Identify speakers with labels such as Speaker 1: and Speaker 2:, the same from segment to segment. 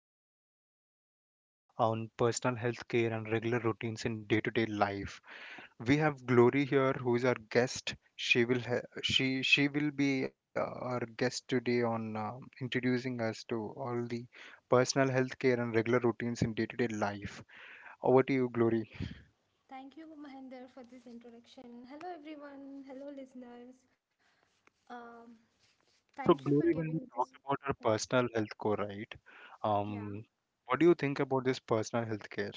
Speaker 1: with an interesting topic today on personal health care and regular routines in day-to-day life. We have Glory here, who is our guest. She will be our guest today on introducing us to all the personal health care and regular routines in day-to-day life. Over to you, Glory.
Speaker 2: Thank you, Mahendra, for this introduction. Hello, everyone. Hello, listeners. Um, thank you
Speaker 1: So,
Speaker 2: for
Speaker 1: Glory,
Speaker 2: giving
Speaker 1: when we
Speaker 2: this.
Speaker 1: talk about our
Speaker 2: Yeah,
Speaker 1: personal health core, right?
Speaker 2: yeah.
Speaker 1: Um, what do you think about this personal health care?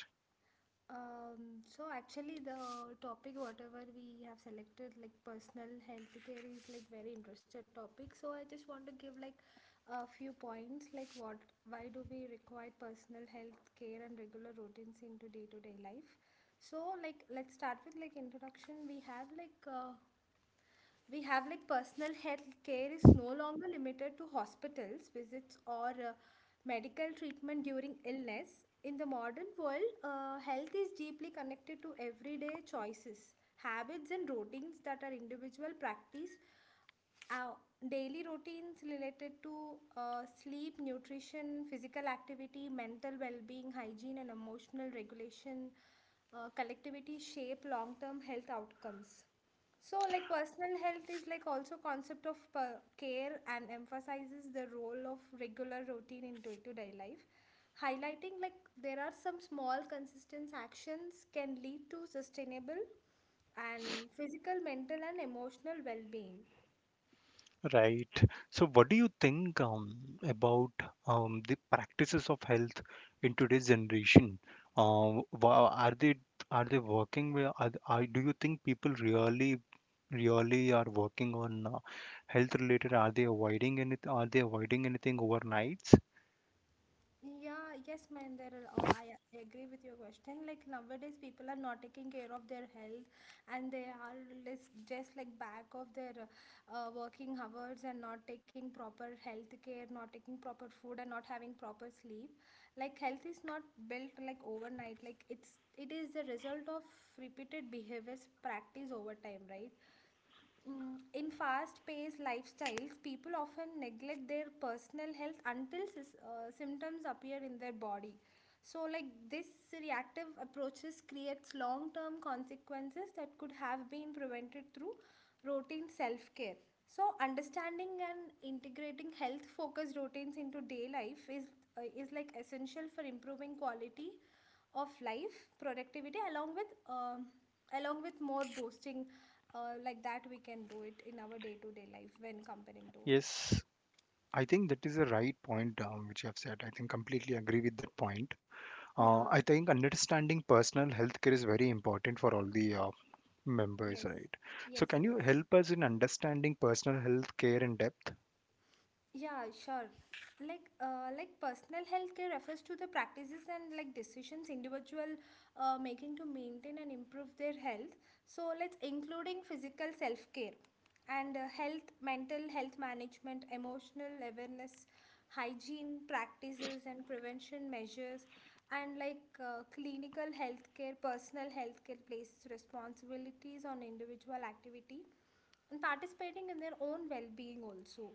Speaker 2: So actually, the topic whatever we have selected, like personal health care, is like very interested topic. So I just want to give like a few points, like what, why do we require personal health care and regular routines into day to day life? So like let's start with like introduction. We have like. We have like personal health care is no longer limited to hospitals visits or medical treatment during illness in the modern world, health is deeply connected to everyday choices, habits and routines that our individual practice, our daily routines related to sleep, nutrition, physical activity, mental well being, hygiene, and emotional regulation, collectivity shape long term health outcomes. So, like personal health is like also concept of care and emphasizes the role of regular routine in day to day life, highlighting like there are some small consistent actions can lead to sustainable and physical, mental, and emotional well being.
Speaker 1: Right. So, what do you think about the practices of health in today's generation? Are they are they working? Do you think people really are working on health related? Are they avoiding any? Are they avoiding anything overnights?
Speaker 2: Yeah, yes, Mahinder, uh, I I agree with your question. Like nowadays, people are not taking care of their health, and they are just like back of their working hours and not taking proper health care, not taking proper food, and not having proper sleep. Like health is not built like overnight. Like it is the result of repeated behaviors practice over time, right? Mm, in fast paced lifestyles, people often neglect their personal health until symptoms appear in their body. So, like this reactive approaches creates long term consequences that could have been prevented through routine self care. So, understanding and integrating health focused routines into day life is like essential for improving quality of life, productivity, along with more boosting like that we can do it in our day-to-day life when comparing to.
Speaker 1: Yes, I think that is a right point which you have said. I think completely agree with that point.
Speaker 2: Yeah,
Speaker 1: I think understanding personal health care is very important for all the members,
Speaker 2: yes,
Speaker 1: right. So,
Speaker 2: yes,
Speaker 1: can you
Speaker 2: yes.
Speaker 1: help us in understanding personal health care in depth?
Speaker 2: Yeah, sure. Like personal health care refers to the practices and like decisions individual making to maintain and improve their health. So let's including physical self care and health, mental health management, emotional awareness, hygiene practices and prevention measures, and like clinical healthcare, personal healthcare places responsibilities on individual activity and participating in their own well-being also.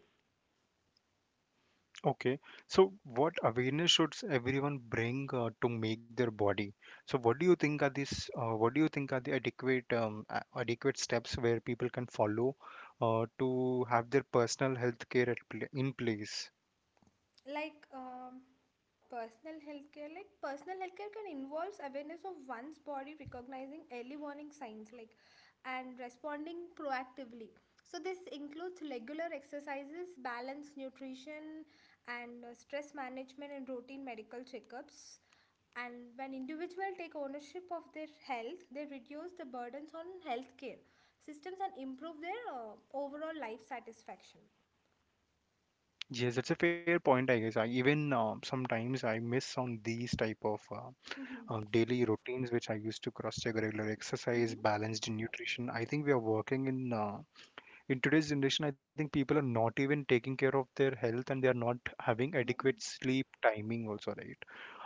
Speaker 1: Okay. So, what awareness should everyone bring to make their body? So, what do you think are these? What do you think are the adequate, adequate steps where people can follow to have their personal health care at pla in place?
Speaker 2: Like personal healthcare like personal healthcare can involves awareness of one's body recognizing early warning signs like and responding proactively. So this includes regular exercises, balanced nutrition and stress management and routine medical checkups. And when individuals take ownership of their health, they reduce the burdens on healthcare systems and improve their overall life satisfaction.
Speaker 1: Yes, that's a fair point, I guess. I even sometimes I miss on these type of
Speaker 2: Mm-hmm.
Speaker 1: daily routines which I used to cross check regular exercise,
Speaker 2: Mm-hmm.
Speaker 1: balanced nutrition. I think we are working in today's generation. I think people are not even taking care of their health and they are not having
Speaker 2: Mm-hmm.
Speaker 1: adequate sleep timing also, right?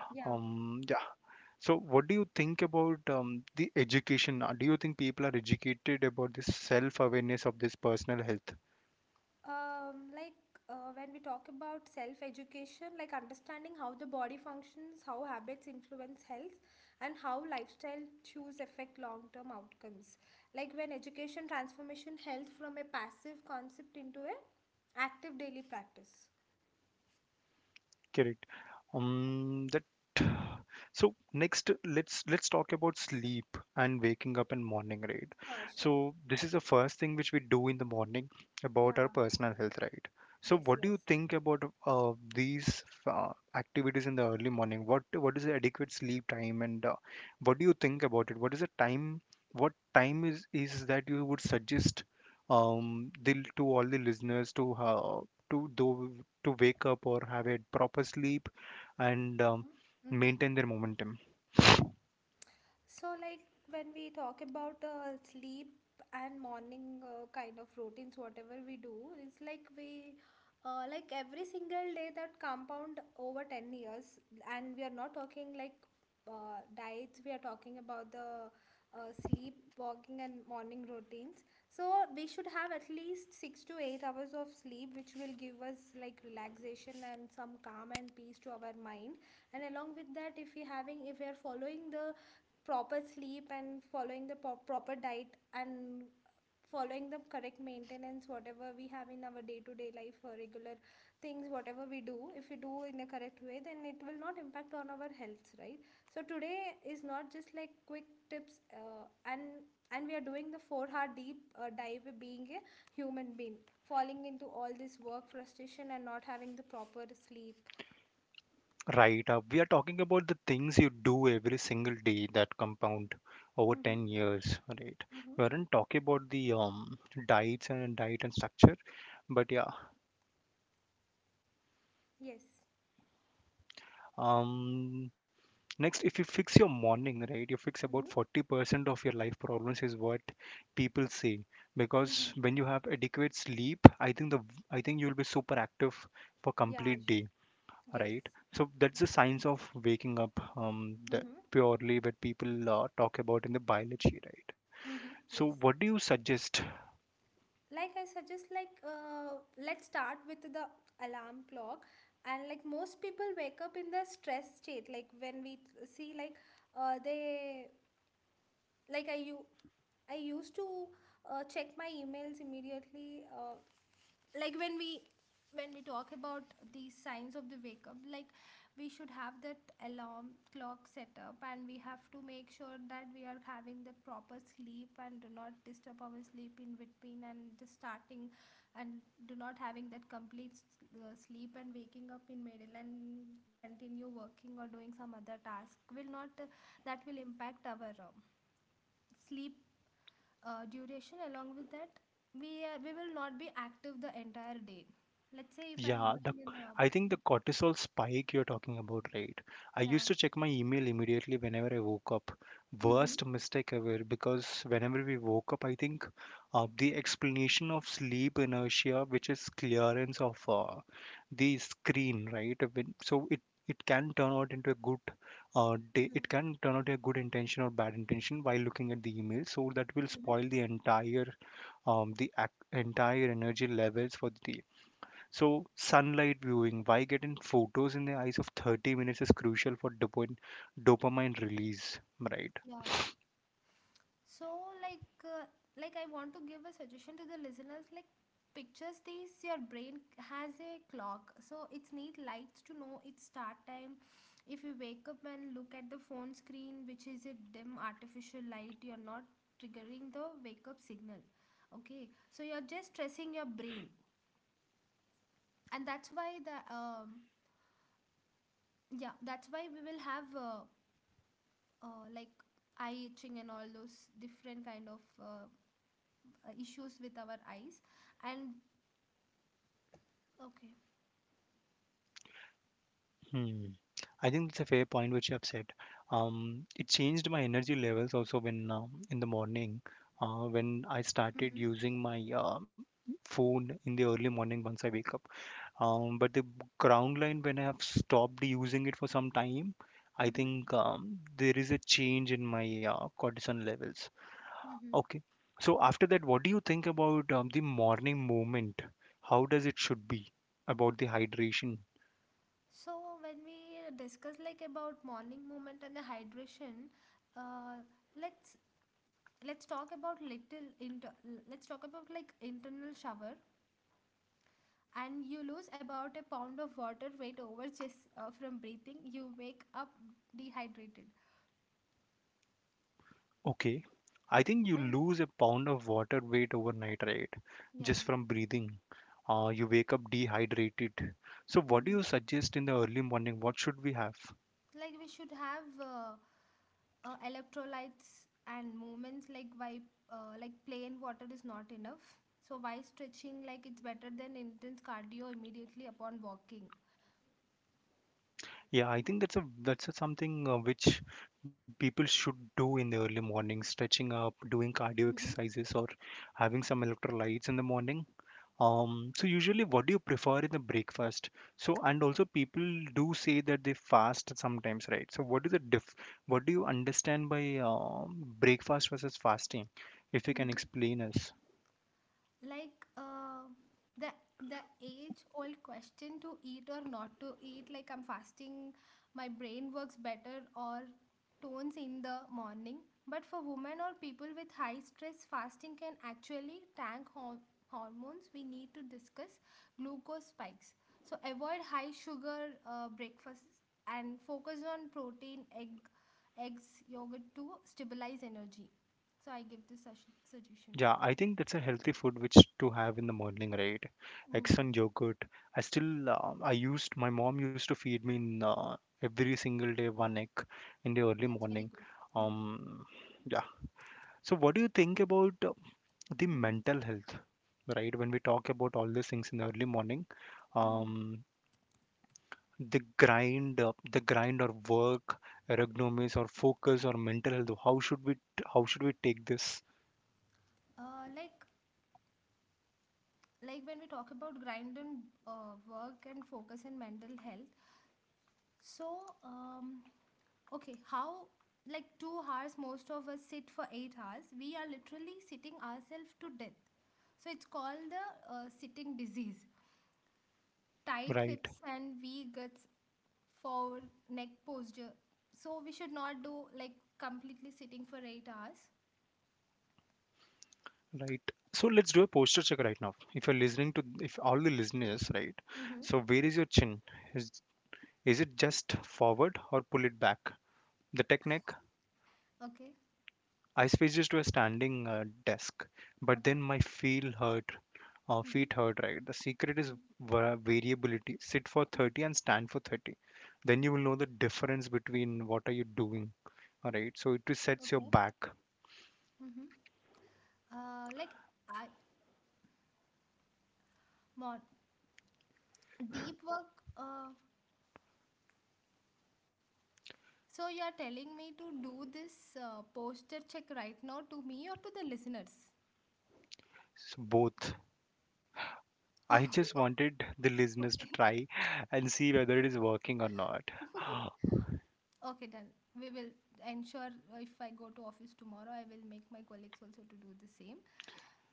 Speaker 2: Yeah.
Speaker 1: Yeah. So, what do you think about the education? Do you think people are educated about this self awareness of this personal health?
Speaker 2: Um, like when we talk about self education, like understanding how the body functions, how habits influence health, and how lifestyle choose affect long term outcomes. Like when education transformation health from a passive concept into a active daily practice.
Speaker 1: Correct. That So next, let's talk about sleep and waking up in morning, right?
Speaker 2: Sure, sure.
Speaker 1: So this is the first thing which we do in the morning about our
Speaker 2: Yeah.
Speaker 1: personal health, right? So
Speaker 2: Yes,
Speaker 1: what do you
Speaker 2: yes.
Speaker 1: think about these activities in the early morning? What is the adequate sleep time and what do you think about it? What is the time? What time is that you would suggest to all the listeners to do to wake up or have a proper sleep and
Speaker 2: Mm-hmm. Mm-hmm.
Speaker 1: maintain their momentum?
Speaker 2: So, like when we talk about sleep and morning kind of routines, whatever we do, it's like we, like every single day that compound over 10 years, and we are not talking like diets, we are talking about the sleep, walking, and morning routines. So, we should have at least 6 to 8 hours of sleep, which will give us like relaxation and some calm and peace to our mind. And along with that, if we having, if we are following the proper sleep and following the proper diet and following the correct maintenance whatever we have in our day to day life or regular things whatever we do if we do in a correct way, then it will not impact on our health, right? So today is not just like quick tips and we are doing the 4 hour deep dive of being a human being falling into all this work frustration and not having the proper sleep.
Speaker 1: Right, we are talking about the things you do every single day that compound over
Speaker 2: Mm-hmm.
Speaker 1: 10 years, right?
Speaker 2: Mm-hmm.
Speaker 1: We aren't talking about the diets and diet and structure, but yeah.
Speaker 2: Yes.
Speaker 1: um Next, if you fix your morning right, you fix about
Speaker 2: Mm-hmm.
Speaker 1: 40% of your life problems is what people say, because
Speaker 2: Mm-hmm.
Speaker 1: when you have adequate sleep, I think the I think you'll be super active for
Speaker 2: Yeah,
Speaker 1: complete day,
Speaker 2: yes.
Speaker 1: right? So that's the
Speaker 2: Yes.
Speaker 1: science of waking up, the
Speaker 2: Mm-hmm.
Speaker 1: purely what people talk about in the biology, right?
Speaker 2: Mm-hmm.
Speaker 1: So
Speaker 2: Yes.
Speaker 1: what do you suggest?
Speaker 2: Like I suggest, like let's start with the alarm clock, and like most people wake up in the stress state. Like when we see, like they like I you. I used to check my emails immediately, like when we talk about the signs of the wake up, like we should have that alarm clock set up and we have to make sure that we are having the proper sleep and do not disturb our sleep in between and just starting and do not having that complete sleep and waking up in middle and continue working or doing some other task will not that will impact our sleep duration. Along with that, we will not be active the entire day. Let's say if I'm
Speaker 1: Yeah, the
Speaker 2: going in
Speaker 1: I
Speaker 2: the.
Speaker 1: think the cortisol spike you're talking about, right? I used
Speaker 2: Yeah.
Speaker 1: to check my email immediately whenever I woke up.
Speaker 2: Mm-hmm.
Speaker 1: Worst mistake ever, because whenever we woke up, I think the explanation of sleep inertia, which is clearance of the screen, right? So it can turn out into a good day.
Speaker 2: Mm-hmm.
Speaker 1: It can turn out a good intention or bad intention while looking at the email. So that will
Speaker 2: Mm-hmm.
Speaker 1: spoil the entire entire energy levels for the. So sunlight viewing, why getting photos in the eyes of 30 minutes is crucial for dopamine release, right?
Speaker 2: Yeah, so like uh, like I want to give a suggestion to the listeners, like pictures these your brain has a clock, so it's need lights to know its start time. If you wake up and look at the phone screen, which is a dim artificial light, you're not triggering the wake up signal. Okay, so you're just stressing your brain, and that's why the yeah, that's why we will have like eye itching and all those different kind of issues with our eyes and okay.
Speaker 1: Hmm. I think it's a fair point which you have said. It changed my energy levels also when in the morning, when
Speaker 2: Mm-hmm.
Speaker 1: I started using my phone in the early morning once I wake up. But the ground line when I have stopped using it for some time, I
Speaker 2: Mm-hmm.
Speaker 1: think there is a change in my cortisol levels.
Speaker 2: Mm-hmm.
Speaker 1: Okay. So after that, what do you think about the morning movement? How does it should be about the hydration?
Speaker 2: So when we discuss like about morning movement and the hydration, uh, let's let's talk about little inter let's talk about like internal shower, and you lose about a pound of water weight over just from breathing, you wake up dehydrated.
Speaker 1: Okay. I think you
Speaker 2: And
Speaker 1: lose a pound of water weight overnight, right? Just
Speaker 2: yeah.
Speaker 1: from breathing. You wake up dehydrated. So what do
Speaker 2: Mhm.
Speaker 1: you suggest in the early morning? What should we have?
Speaker 2: Like we should have electrolytes and movements, like why like plain water is not enough. So why stretching, like it's better than intense cardio immediately upon walking.
Speaker 1: Yeah, I think that's a something which people should do in the early morning, stretching up, doing cardio
Speaker 2: Mhm.
Speaker 1: exercises, or having some electrolytes in the morning. So usually what do you prefer in the breakfast? So and also people do say that they fast sometimes, right? So what is the diff what do you understand by breakfast versus fasting? If you can
Speaker 2: Mhm.
Speaker 1: explain us.
Speaker 2: Like the the age old question, to eat or not to eat, like I'm fasting, my brain works better or tones in the morning. But for women or people with high stress, fasting can actually tank hormones. We need to discuss glucose spikes, so avoid high sugar breakfasts and focus on protein egg eggs, yogurt to stabilize energy. So I give this suggestion.
Speaker 1: Yeah, I think that's a healthy food which to have in the morning, right?
Speaker 2: Mm.
Speaker 1: Eggs and yogurt. I still I used my mom used to feed me in, every single day one egg in the early
Speaker 2: That's very
Speaker 1: morning.
Speaker 2: good. Hmm.
Speaker 1: Um, yeah. So what do you think about the
Speaker 2: Hmm.
Speaker 1: mental health, right? When we talk about all these things in the early morning,
Speaker 2: Hmm.
Speaker 1: um, the grind or work ergonomics or focus or mental health, how should we take this
Speaker 2: Uh, like like when we talk about grind and work and focus and mental health. So um, okay, how like 2 hours, most of us sit for 8 hours. We are literally sitting ourselves to death. So it's called the sitting disease. Tight
Speaker 1: right?
Speaker 2: hips and V guts, forward neck posture. So we should not do like completely sitting for 8 hours.
Speaker 1: Right, so let's do a posture check right now, if you're listening to, if all the listeners, right?
Speaker 2: Mm-hmm.
Speaker 1: So where is your chin? is is it just forward or pull it back? The technique.
Speaker 2: Okay.
Speaker 1: I switched to a standing desk, but
Speaker 2: Okay.
Speaker 1: then
Speaker 2: Mm-hmm.
Speaker 1: feet hurt, right? The secret is
Speaker 2: Mm,
Speaker 1: variability. Sit for
Speaker 2: mm.
Speaker 1: 30 and stand for 30. Then you will know the difference between what are you doing, all right? So it resets your
Speaker 2: Okay.
Speaker 1: back.
Speaker 2: Mm-hmm. Like I mon deep work. So you are telling me to do this posture check right now, to me or to the listeners?
Speaker 1: So both. I just wanted the listeners to
Speaker 2: Okay.
Speaker 1: try and see whether it is working or not.
Speaker 2: Okay, done. We will ensure, if I go to office tomorrow, I will make my colleagues also to do the same.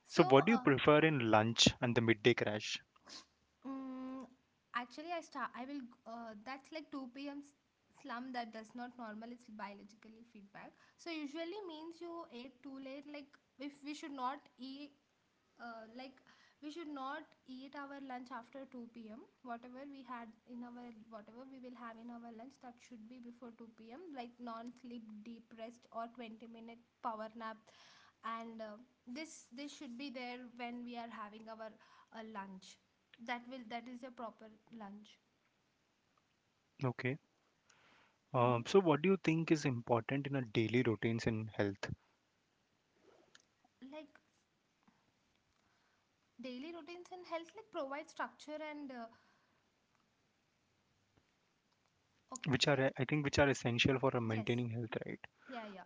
Speaker 2: So,
Speaker 1: So what do you
Speaker 2: uh,
Speaker 1: prefer in lunch and the midday crash?
Speaker 2: mm, actually, I start. I will. That's like two p.m. slump that does not normal. It's biologically feedback. So usually means you ate too late. Like if we should not eat. Like we should not eat our lunch after 2 p.m. Whatever we had in our, whatever we will have in our lunch that should be before 2 p.m. Like non-sleep, deep rest, or 20-minute power nap, and this should be there when we are having our lunch. That will, that is a proper lunch.
Speaker 1: Okay.
Speaker 2: Mm-hmm.
Speaker 1: So what do you think is important in a daily routines in health?
Speaker 2: Like daily routines and health like provide structure and okay.
Speaker 1: Which are, I think which are essential for
Speaker 2: Yes,
Speaker 1: maintaining health, right?
Speaker 2: yeah, yeah.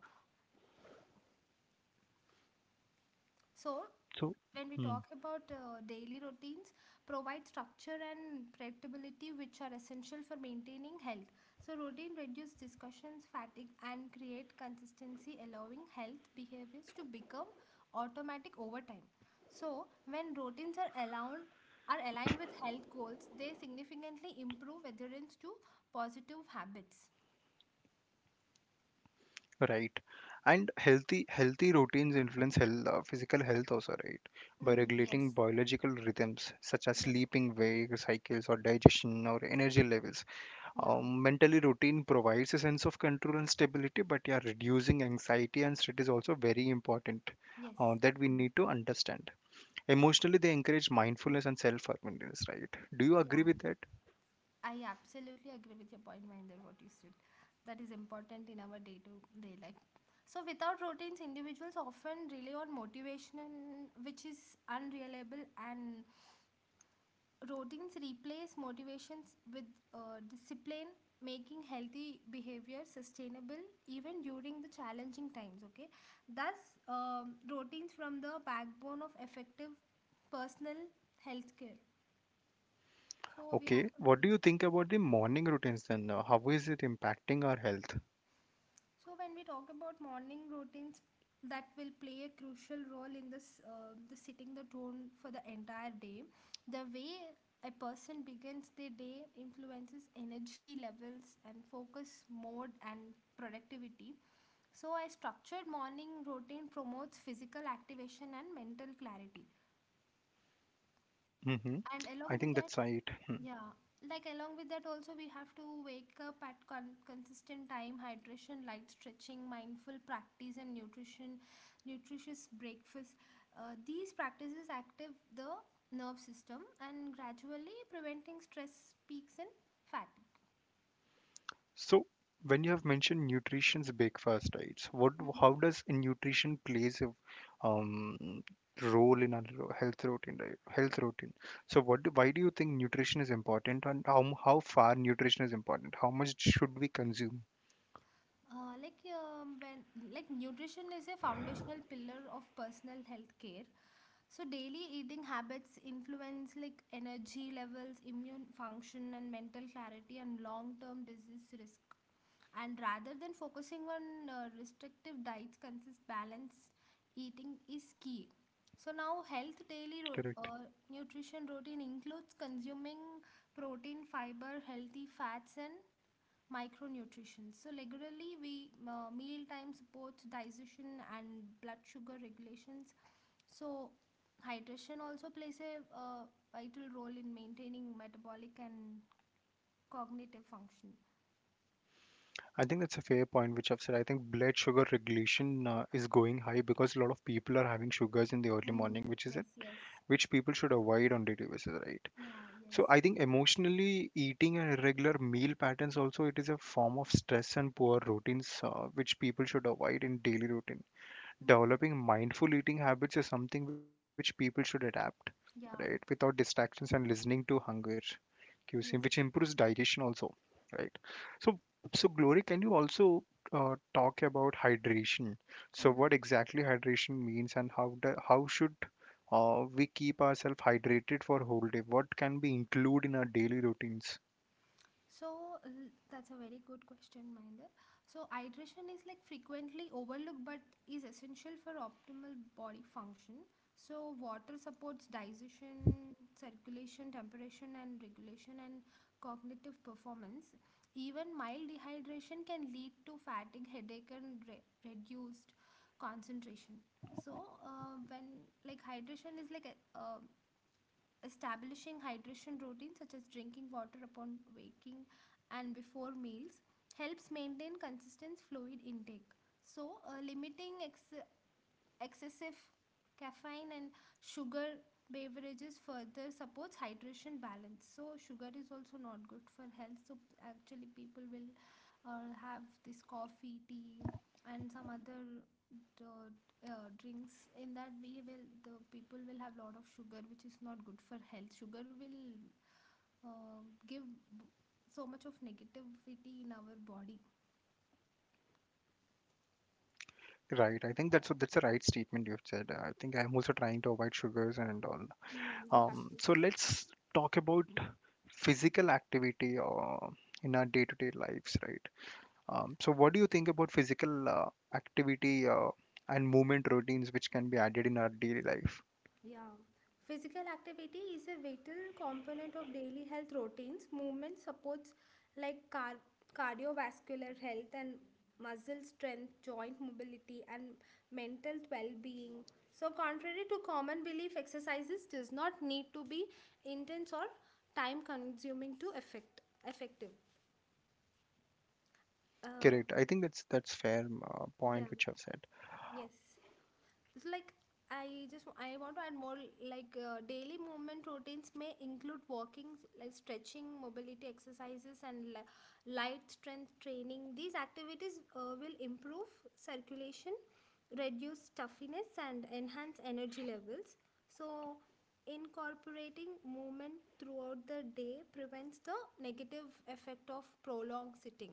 Speaker 2: So,
Speaker 1: So,
Speaker 2: when we
Speaker 1: hmm,
Speaker 2: talk about daily routines, provide structure and predictability, which are essential for maintaining health. So, routine reduce discussions, fatigue, and create consistency, allowing health behaviors to become automatic over time. So, when routines are allowed are aligned with health goals, they significantly improve adherence to positive habits.
Speaker 1: right. And healthy routines influence health, physical health also, right? By
Speaker 2: Mhm.
Speaker 1: regulating
Speaker 2: Yes.
Speaker 1: biological rhythms such as
Speaker 2: Yes.
Speaker 1: sleeping, wake cycles, or digestion or energy levels.
Speaker 2: Yeah.
Speaker 1: Mentally, routine provides a sense of control and stability, but yeah, reducing anxiety and stress is also very important.
Speaker 2: Yes.
Speaker 1: That we need
Speaker 2: Mhm.
Speaker 1: to understand. Emotionally, they encourage mindfulness and self-awareness, right? Do you agree
Speaker 2: Yeah.
Speaker 1: with that?
Speaker 2: I absolutely agree with your point, Mahinder, what you said. That is important in our day to day life. So, without routines, individuals often rely on motivation, which is unreliable, and routines replace motivations with discipline, making healthy behavior sustainable even during the challenging times. Okay, thus, routines from the backbone of effective personal health care. So, we have
Speaker 1: Okay,
Speaker 2: to
Speaker 1: what do
Speaker 2: see.
Speaker 1: you think about the morning routines then? How is it impacting our health?
Speaker 2: So when we talk about morning routines, that will play a crucial role in this the setting the tone for the entire day. The way a person begins their day influences energy levels and focus mode and productivity. So a structured morning routine promotes physical activation and mental clarity.
Speaker 1: Hmm,
Speaker 2: And
Speaker 1: I
Speaker 2: along
Speaker 1: think
Speaker 2: with
Speaker 1: that's
Speaker 2: that,
Speaker 1: right. Hmm.
Speaker 2: yeah, like along with that, also we have to wake up at consistent time, hydration, light stretching, mindful practice, and nutrition, nutritious breakfast. These practices active the nerve system and gradually preventing stress peaks and fatigue.
Speaker 1: So, when you have mentioned nutrition's breakfast, right? So what,
Speaker 2: hmm
Speaker 1: how does nutrition plays a um, role in our health routine, right? Health routine. So, why do you think nutrition is important, and how far nutrition is important? How much should we consume?
Speaker 2: Like when like Nutrition is a foundational pillar of personal health care. So daily eating habits influence, like, energy levels, immune function, and mental clarity, and long-term disease risk. And rather than focusing on restrictive diets, consist balanced eating is key. So now,
Speaker 1: Correct.
Speaker 2: nutrition routine includes consuming protein, fiber, healthy fats, and micronutrition. So regularly, we meal time supports digestion and blood sugar regulations. So hydration also plays a vital role in maintaining metabolic and cognitive function.
Speaker 1: I think that's a fair point, which I've said. I think blood sugar regulation is going high because a lot of people are having sugars in the early
Speaker 2: Mm,
Speaker 1: morning, which is it,
Speaker 2: yes, yes.
Speaker 1: which people should avoid on daily basis, right?
Speaker 2: Yeah, yes.
Speaker 1: So I think emotionally eating and irregular meal patterns also it is a form of stress and poor routines, which people should avoid in daily routine.
Speaker 2: Mm-hmm.
Speaker 1: Developing mindful eating habits is something which people should adapt, right?
Speaker 2: Yeah,
Speaker 1: Without distractions and listening to hunger, cuisine, which
Speaker 2: yes.
Speaker 1: improves digestion also, right? So, so, Glory, can you also talk about hydration? So, what
Speaker 2: Mm-hmm.
Speaker 1: exactly hydration means, and how should we keep ourselves hydrated for whole day? What can we include in our daily routines?
Speaker 2: So, that's a very good question, Mahinder. So hydration is, like, frequently overlooked but is essential for optimal body function. So water supports digestion, circulation, temperature and regulation, and cognitive performance. Even mild dehydration can lead to fatigue, headache, and reduced concentration. So when like hydration is like a, Establishing hydration routines such as drinking water upon waking and before meals helps maintain consistent fluid intake. So limiting excessive caffeine and sugar beverages further supports hydration balance. So sugar is also not good for health, so actually people will have this coffee, tea, and some other uh, drinks. In that, we will the people will have lot of sugar, which is not good for health. Sugar will give b- so much of negativity in our body.
Speaker 1: Right, I think that's a right statement you've said. I think I'm also trying to avoid sugars and all.
Speaker 2: Mm, you have to.
Speaker 1: So let's talk about physical activity in our day-to-day lives, right? So what do you think about physical activity and movement routines which can be added in our daily life?
Speaker 2: Yeah, physical activity is a vital component of daily health routines. Movement supports, like, cardiovascular health and muscle strength, joint mobility, and mental well being. So, contrary to common belief, exercises does not need to be intense or time consuming to effective. Uh,
Speaker 1: Correct. I think that's fair point
Speaker 2: yeah,
Speaker 1: which you have said.
Speaker 2: yes. It's like, I want to add more, like, daily movement routines may include walking, like stretching, mobility exercises, and light strength training. These activities will improve circulation, reduce stuffiness, and enhance energy levels. So incorporating movement throughout the day prevents the negative effect of prolonged sitting.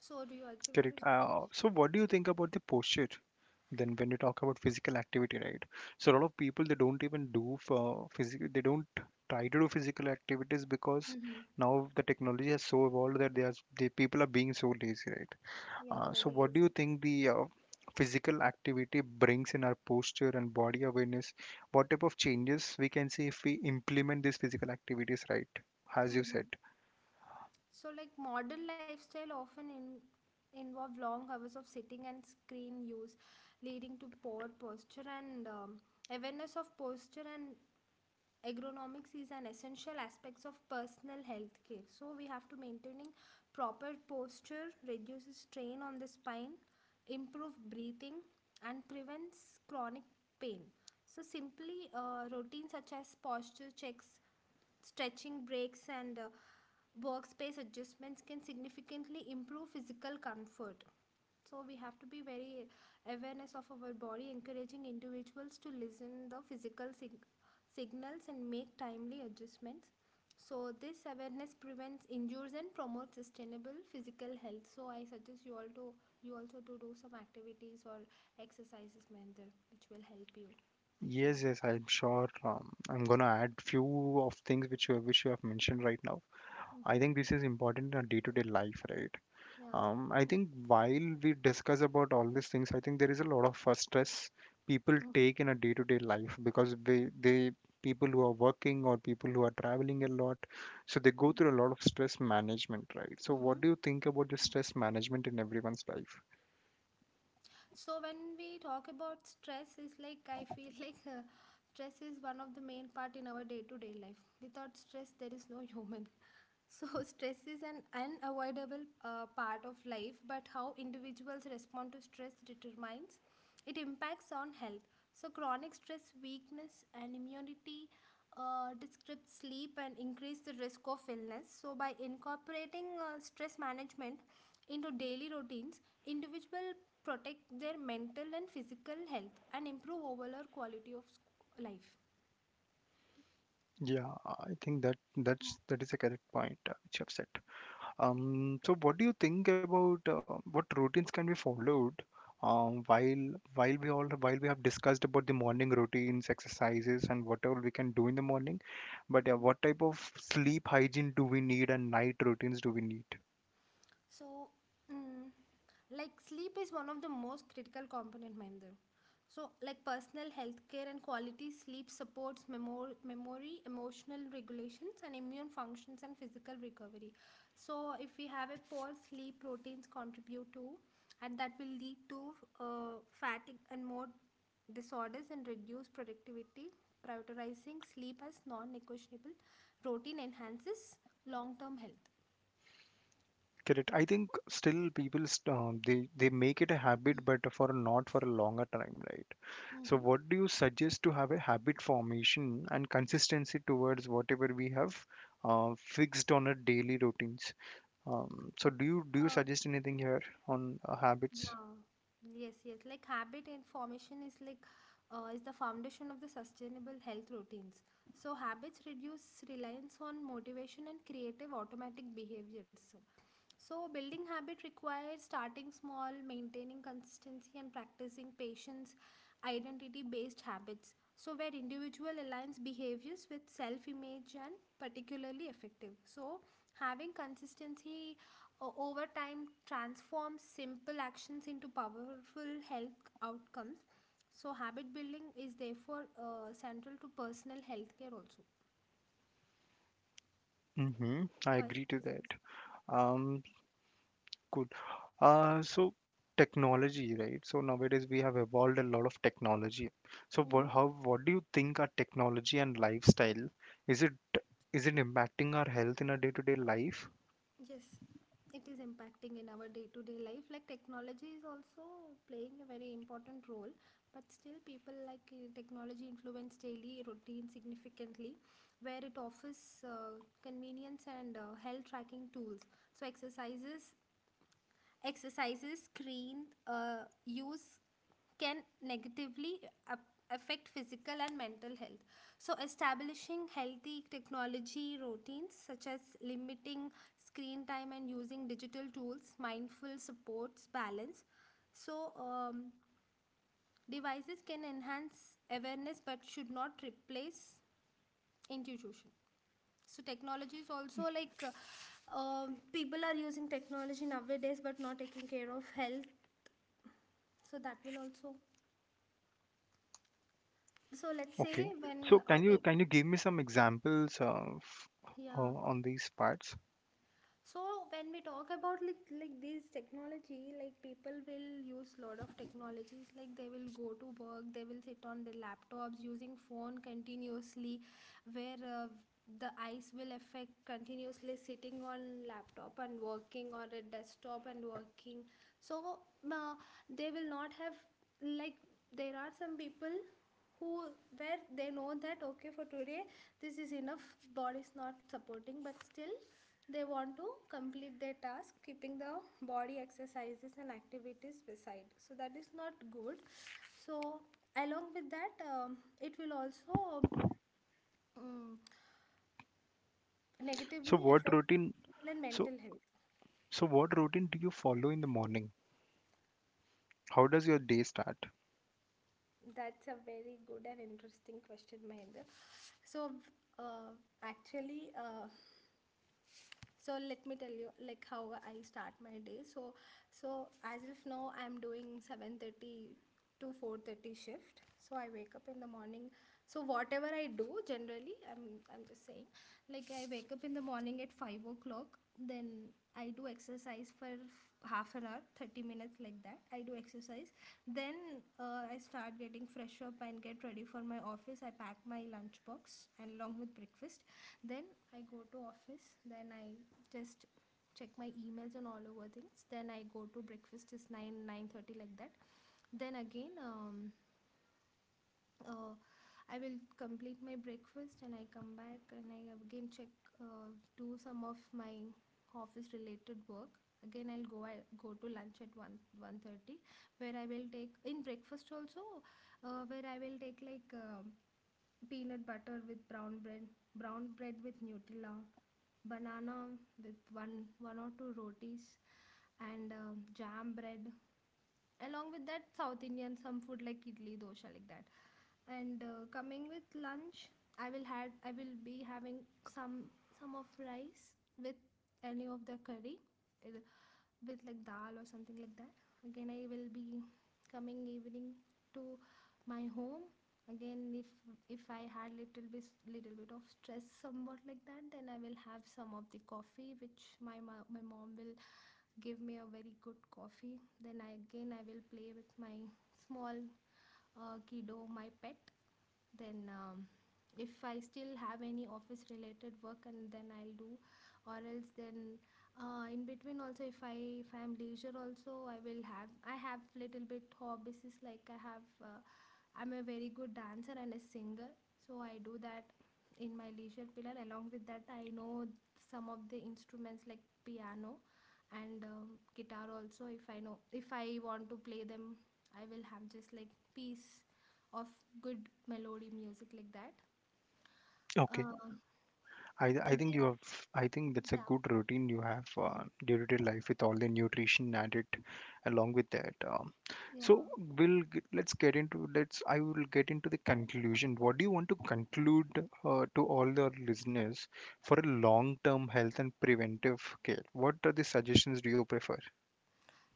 Speaker 2: So do you agree with
Speaker 1: Correct.
Speaker 2: this point?
Speaker 1: So what do you think about the posture? Then when you talk about physical activity, right? So a lot of people they don't even do for physical. They don't try to do physical activities because
Speaker 2: Mm-hmm.
Speaker 1: now the technology has so evolved that the people are being so lazy, right?
Speaker 2: Yeah,
Speaker 1: So
Speaker 2: very
Speaker 1: what do you
Speaker 2: lazy.
Speaker 1: think the physical activity brings in our posture and body awareness? What type of changes we can see if we implement these physical activities, right? As you said.
Speaker 2: So, like, modern lifestyle often involve long hours of sitting and screen use, leading to poor posture, and awareness of posture and ergonomics is an essential aspects of personal health care. So, we have to maintaining proper posture reduces strain on the spine, improve breathing, and prevents chronic pain. So, simply routines such as posture checks, stretching breaks, and workspace adjustments can significantly improve physical comfort. So we have to be very awareness of our body, encouraging individuals to listen the physical signals and make timely adjustments. So this awareness prevents injuries and promotes sustainable physical health. So I suggest you all to, you also to do some activities or exercises, Mahendra, which will help you actually.
Speaker 1: Yes, yes, I'm sure. I'm gonna add few of things which you have mentioned right now. I
Speaker 2: Mm-hmm.
Speaker 1: think this is important in our day-to-day life, right?
Speaker 2: Yeah.
Speaker 1: I think while we discuss about all these things, I think there is a lot of stress people
Speaker 2: Mm-hmm.
Speaker 1: take in a day-to-day life because they people who are working or people who are traveling a lot, so they go through a lot
Speaker 2: Mm-hmm.
Speaker 1: of stress management, right? So what
Speaker 2: Mm-hmm.
Speaker 1: do you think about the stress management in everyone's life?
Speaker 2: So when we talk about stress, it's like, I feel like, stress is one of the main part in our day-to-day life. Without stress, there is no human. So stress is an unavoidable part of life, but how individuals respond to stress determines it impacts on health. So chronic stress, weakness, and immunity disrupt sleep and increase the risk of illness. So, by incorporating stress management into daily routines, individuals protect their mental and physical health and improve overall quality of life.
Speaker 1: Yeah, I think that that's that is a correct point which you have said. So what do you think about what routines can be followed um, while while we all while we have discussed about the morning routines, exercises, and whatever we can do in the morning, but yeah, what type of sleep hygiene do we need and night routines do we need?
Speaker 2: So, mm, like, sleep is one of the most critical component, Mahinder. So, like personal health care and quality sleep supports memory, emotional regulations, and immune functions and physical recovery. So, if we have a poor sleep, proteins contribute to, and that will lead to uh, fatigue and more disorders and reduce productivity. Prioritizing sleep as non-negotiable routine enhances long-term health.
Speaker 1: Correct. I think still people they make it a habit, but for not for a longer time, right? So
Speaker 2: Mm-hmm.
Speaker 1: what do you suggest to have a habit formation and consistency towards whatever we have fixed on a daily routines? So do you
Speaker 2: Uh,
Speaker 1: suggest anything here on habits?
Speaker 2: Yeah. Yes, yes. Like habit and formation is like, is the foundation of the sustainable health routines. So habits reduce reliance on motivation and creative automatic behaviors. So, building habit requires starting small, maintaining consistency, and practicing patience, identity based habits. So, where individual aligns behaviors with self image and particularly effective. So, having consistency over time transforms simple actions into powerful health outcomes. So, habit building is therefore central to personal health care also.
Speaker 1: Mm-hmm. I
Speaker 2: So, I
Speaker 1: agree to
Speaker 2: suggest
Speaker 1: that. Um, good. So technology, right? So nowadays we have evolved a lot of technology. So what,
Speaker 2: this.
Speaker 1: how, what do you think our technology and lifestyle is it is it impacting our health in our day-to-day life?
Speaker 2: Yes, it is impacting in our day to day life. Like technology is also playing a very important role, but still, people like, technology influence daily routine significantly, where it offers convenience and health tracking tools. So, exercises screen use can negatively affect physical and mental health. So, establishing healthy technology routines such as limiting screen time and using digital tools, mindful supports balance. So, devices can enhance awareness but should not replace intuition. So, technology is also like, people are using technology nowadays but not taking care of health. So, that will also. So, let's
Speaker 1: Okay.
Speaker 2: say
Speaker 1: So
Speaker 2: when
Speaker 1: can you can you give me some examples of
Speaker 2: yeah.
Speaker 1: on these parts?
Speaker 2: So when we talk about, like, this technology, like, people will use lot of technologies. Like they will go to work, they will sit on their laptops using phone continuously, where the eyes will affect continuously sitting on laptop and working or a desktop and working. So uh, they will not have, like, there are some people who, where they know that okay, for today this is enough, body is not supporting, but still they want to complete their task keeping the body exercises and activities beside, so that is not good. So along with that, it will also um,
Speaker 1: So
Speaker 2: negatively
Speaker 1: what
Speaker 2: affect
Speaker 1: routine?
Speaker 2: physical and
Speaker 1: So
Speaker 2: mental health.
Speaker 1: so what routine do you follow in the morning? How does your day start?
Speaker 2: That's a very good and interesting question, Mahendra. So uh, actually, so let me tell you, like, how I start my day. So as of now I'm doing 7:30 to 4:30 shift, so I wake up in the morning. So whatever I do generally, I'm just saying, like, I wake up in the morning at 5 o'clock. Then I do exercise for half an hour, 30 minutes, like that I do exercise. Then I start getting fresh up and get ready for my office. I pack my lunch box and along with breakfast. Then I go to office. Then I just check my emails and all over things. Then I go to breakfast, is nine thirty, like that. Then again. Uh, I will complete my breakfast and I come back and I again check, do some of my office related work. Again, I go to lunch at 1 1:30, where I will take in breakfast also. Where I will take, like, peanut butter with brown bread with Nutella, banana with one or two rotis, and jam bread, along with that, south indian some food like idli dosha, like that. And coming with lunch, I will be having some some of rice with any of the curry, it- with like dal or something, like that. Again I will be coming evening to my home. Again, if I had little bit of stress somewhat, like that, then I will have some of the coffee which my mom will give me, a very good coffee. Then again, I will play with my small kiddo, my pet. Then if I still have any office related work, and then I'll do, or else, then in between also, if I'm leisure also, I have little bit hobbies. Is like, I have I'm a very good dancer and a singer. So I do that in my leisure pillar. Along with that, I know some of the instruments like piano and guitar also. If I know, if I want to play them, I will have just like peace of good melody music, like that.
Speaker 1: Okay.
Speaker 2: Uh,
Speaker 1: I think
Speaker 2: Again,
Speaker 1: you have I think that's a
Speaker 2: yeah,
Speaker 1: good routine you have day-to-day life with all the nutrition added along with that.
Speaker 2: yeah.
Speaker 1: So let's get into let's I will get into the conclusion. What do you want to conclude to all the listeners for a long-term health and preventive care? What are the suggestions do you prefer?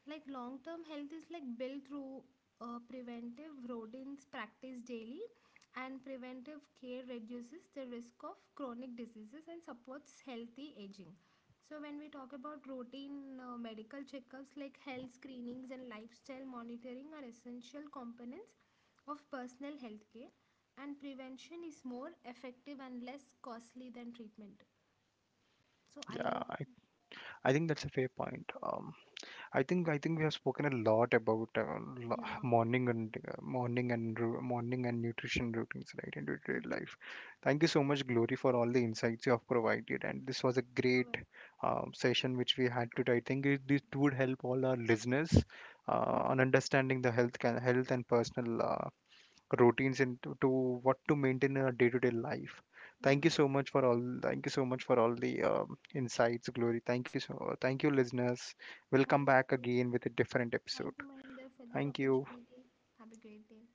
Speaker 2: Like, long term health is like built through preventive rodents practice daily, and preventive care reduces the risk of chronic diseases and supports healthy aging. So when we talk about routine medical checkups like health screenings and lifestyle monitoring are essential components of personal health care, and prevention is more effective and less costly than treatment. So
Speaker 1: Yeah,
Speaker 2: I.
Speaker 1: I think that's a fair point. I think we have spoken a lot about
Speaker 2: Yeah.
Speaker 1: morning and morning and morning and nutrition routines, right, in day-to-day
Speaker 2: Mm-hmm.
Speaker 1: life. Thank you so much, Glory, for all the insights you have provided, and this was a
Speaker 2: You're
Speaker 1: great
Speaker 2: welcome.
Speaker 1: session which we had today. I think it, this would help all our listeners
Speaker 2: Mm-hmm.
Speaker 1: on understanding the health can, health and personal routines into to what to maintain in our day-to-day life. Thank you
Speaker 2: Yeah.
Speaker 1: so much for all. Thank you so much for all the insights, Glory. Thank you so. Thank you, listeners. We'll come
Speaker 2: Thank
Speaker 1: back
Speaker 2: you.
Speaker 1: again with a different
Speaker 2: Thank
Speaker 1: episode.
Speaker 2: you, Mahinder, for this
Speaker 1: Thank you.
Speaker 2: opportunity. Have a great day.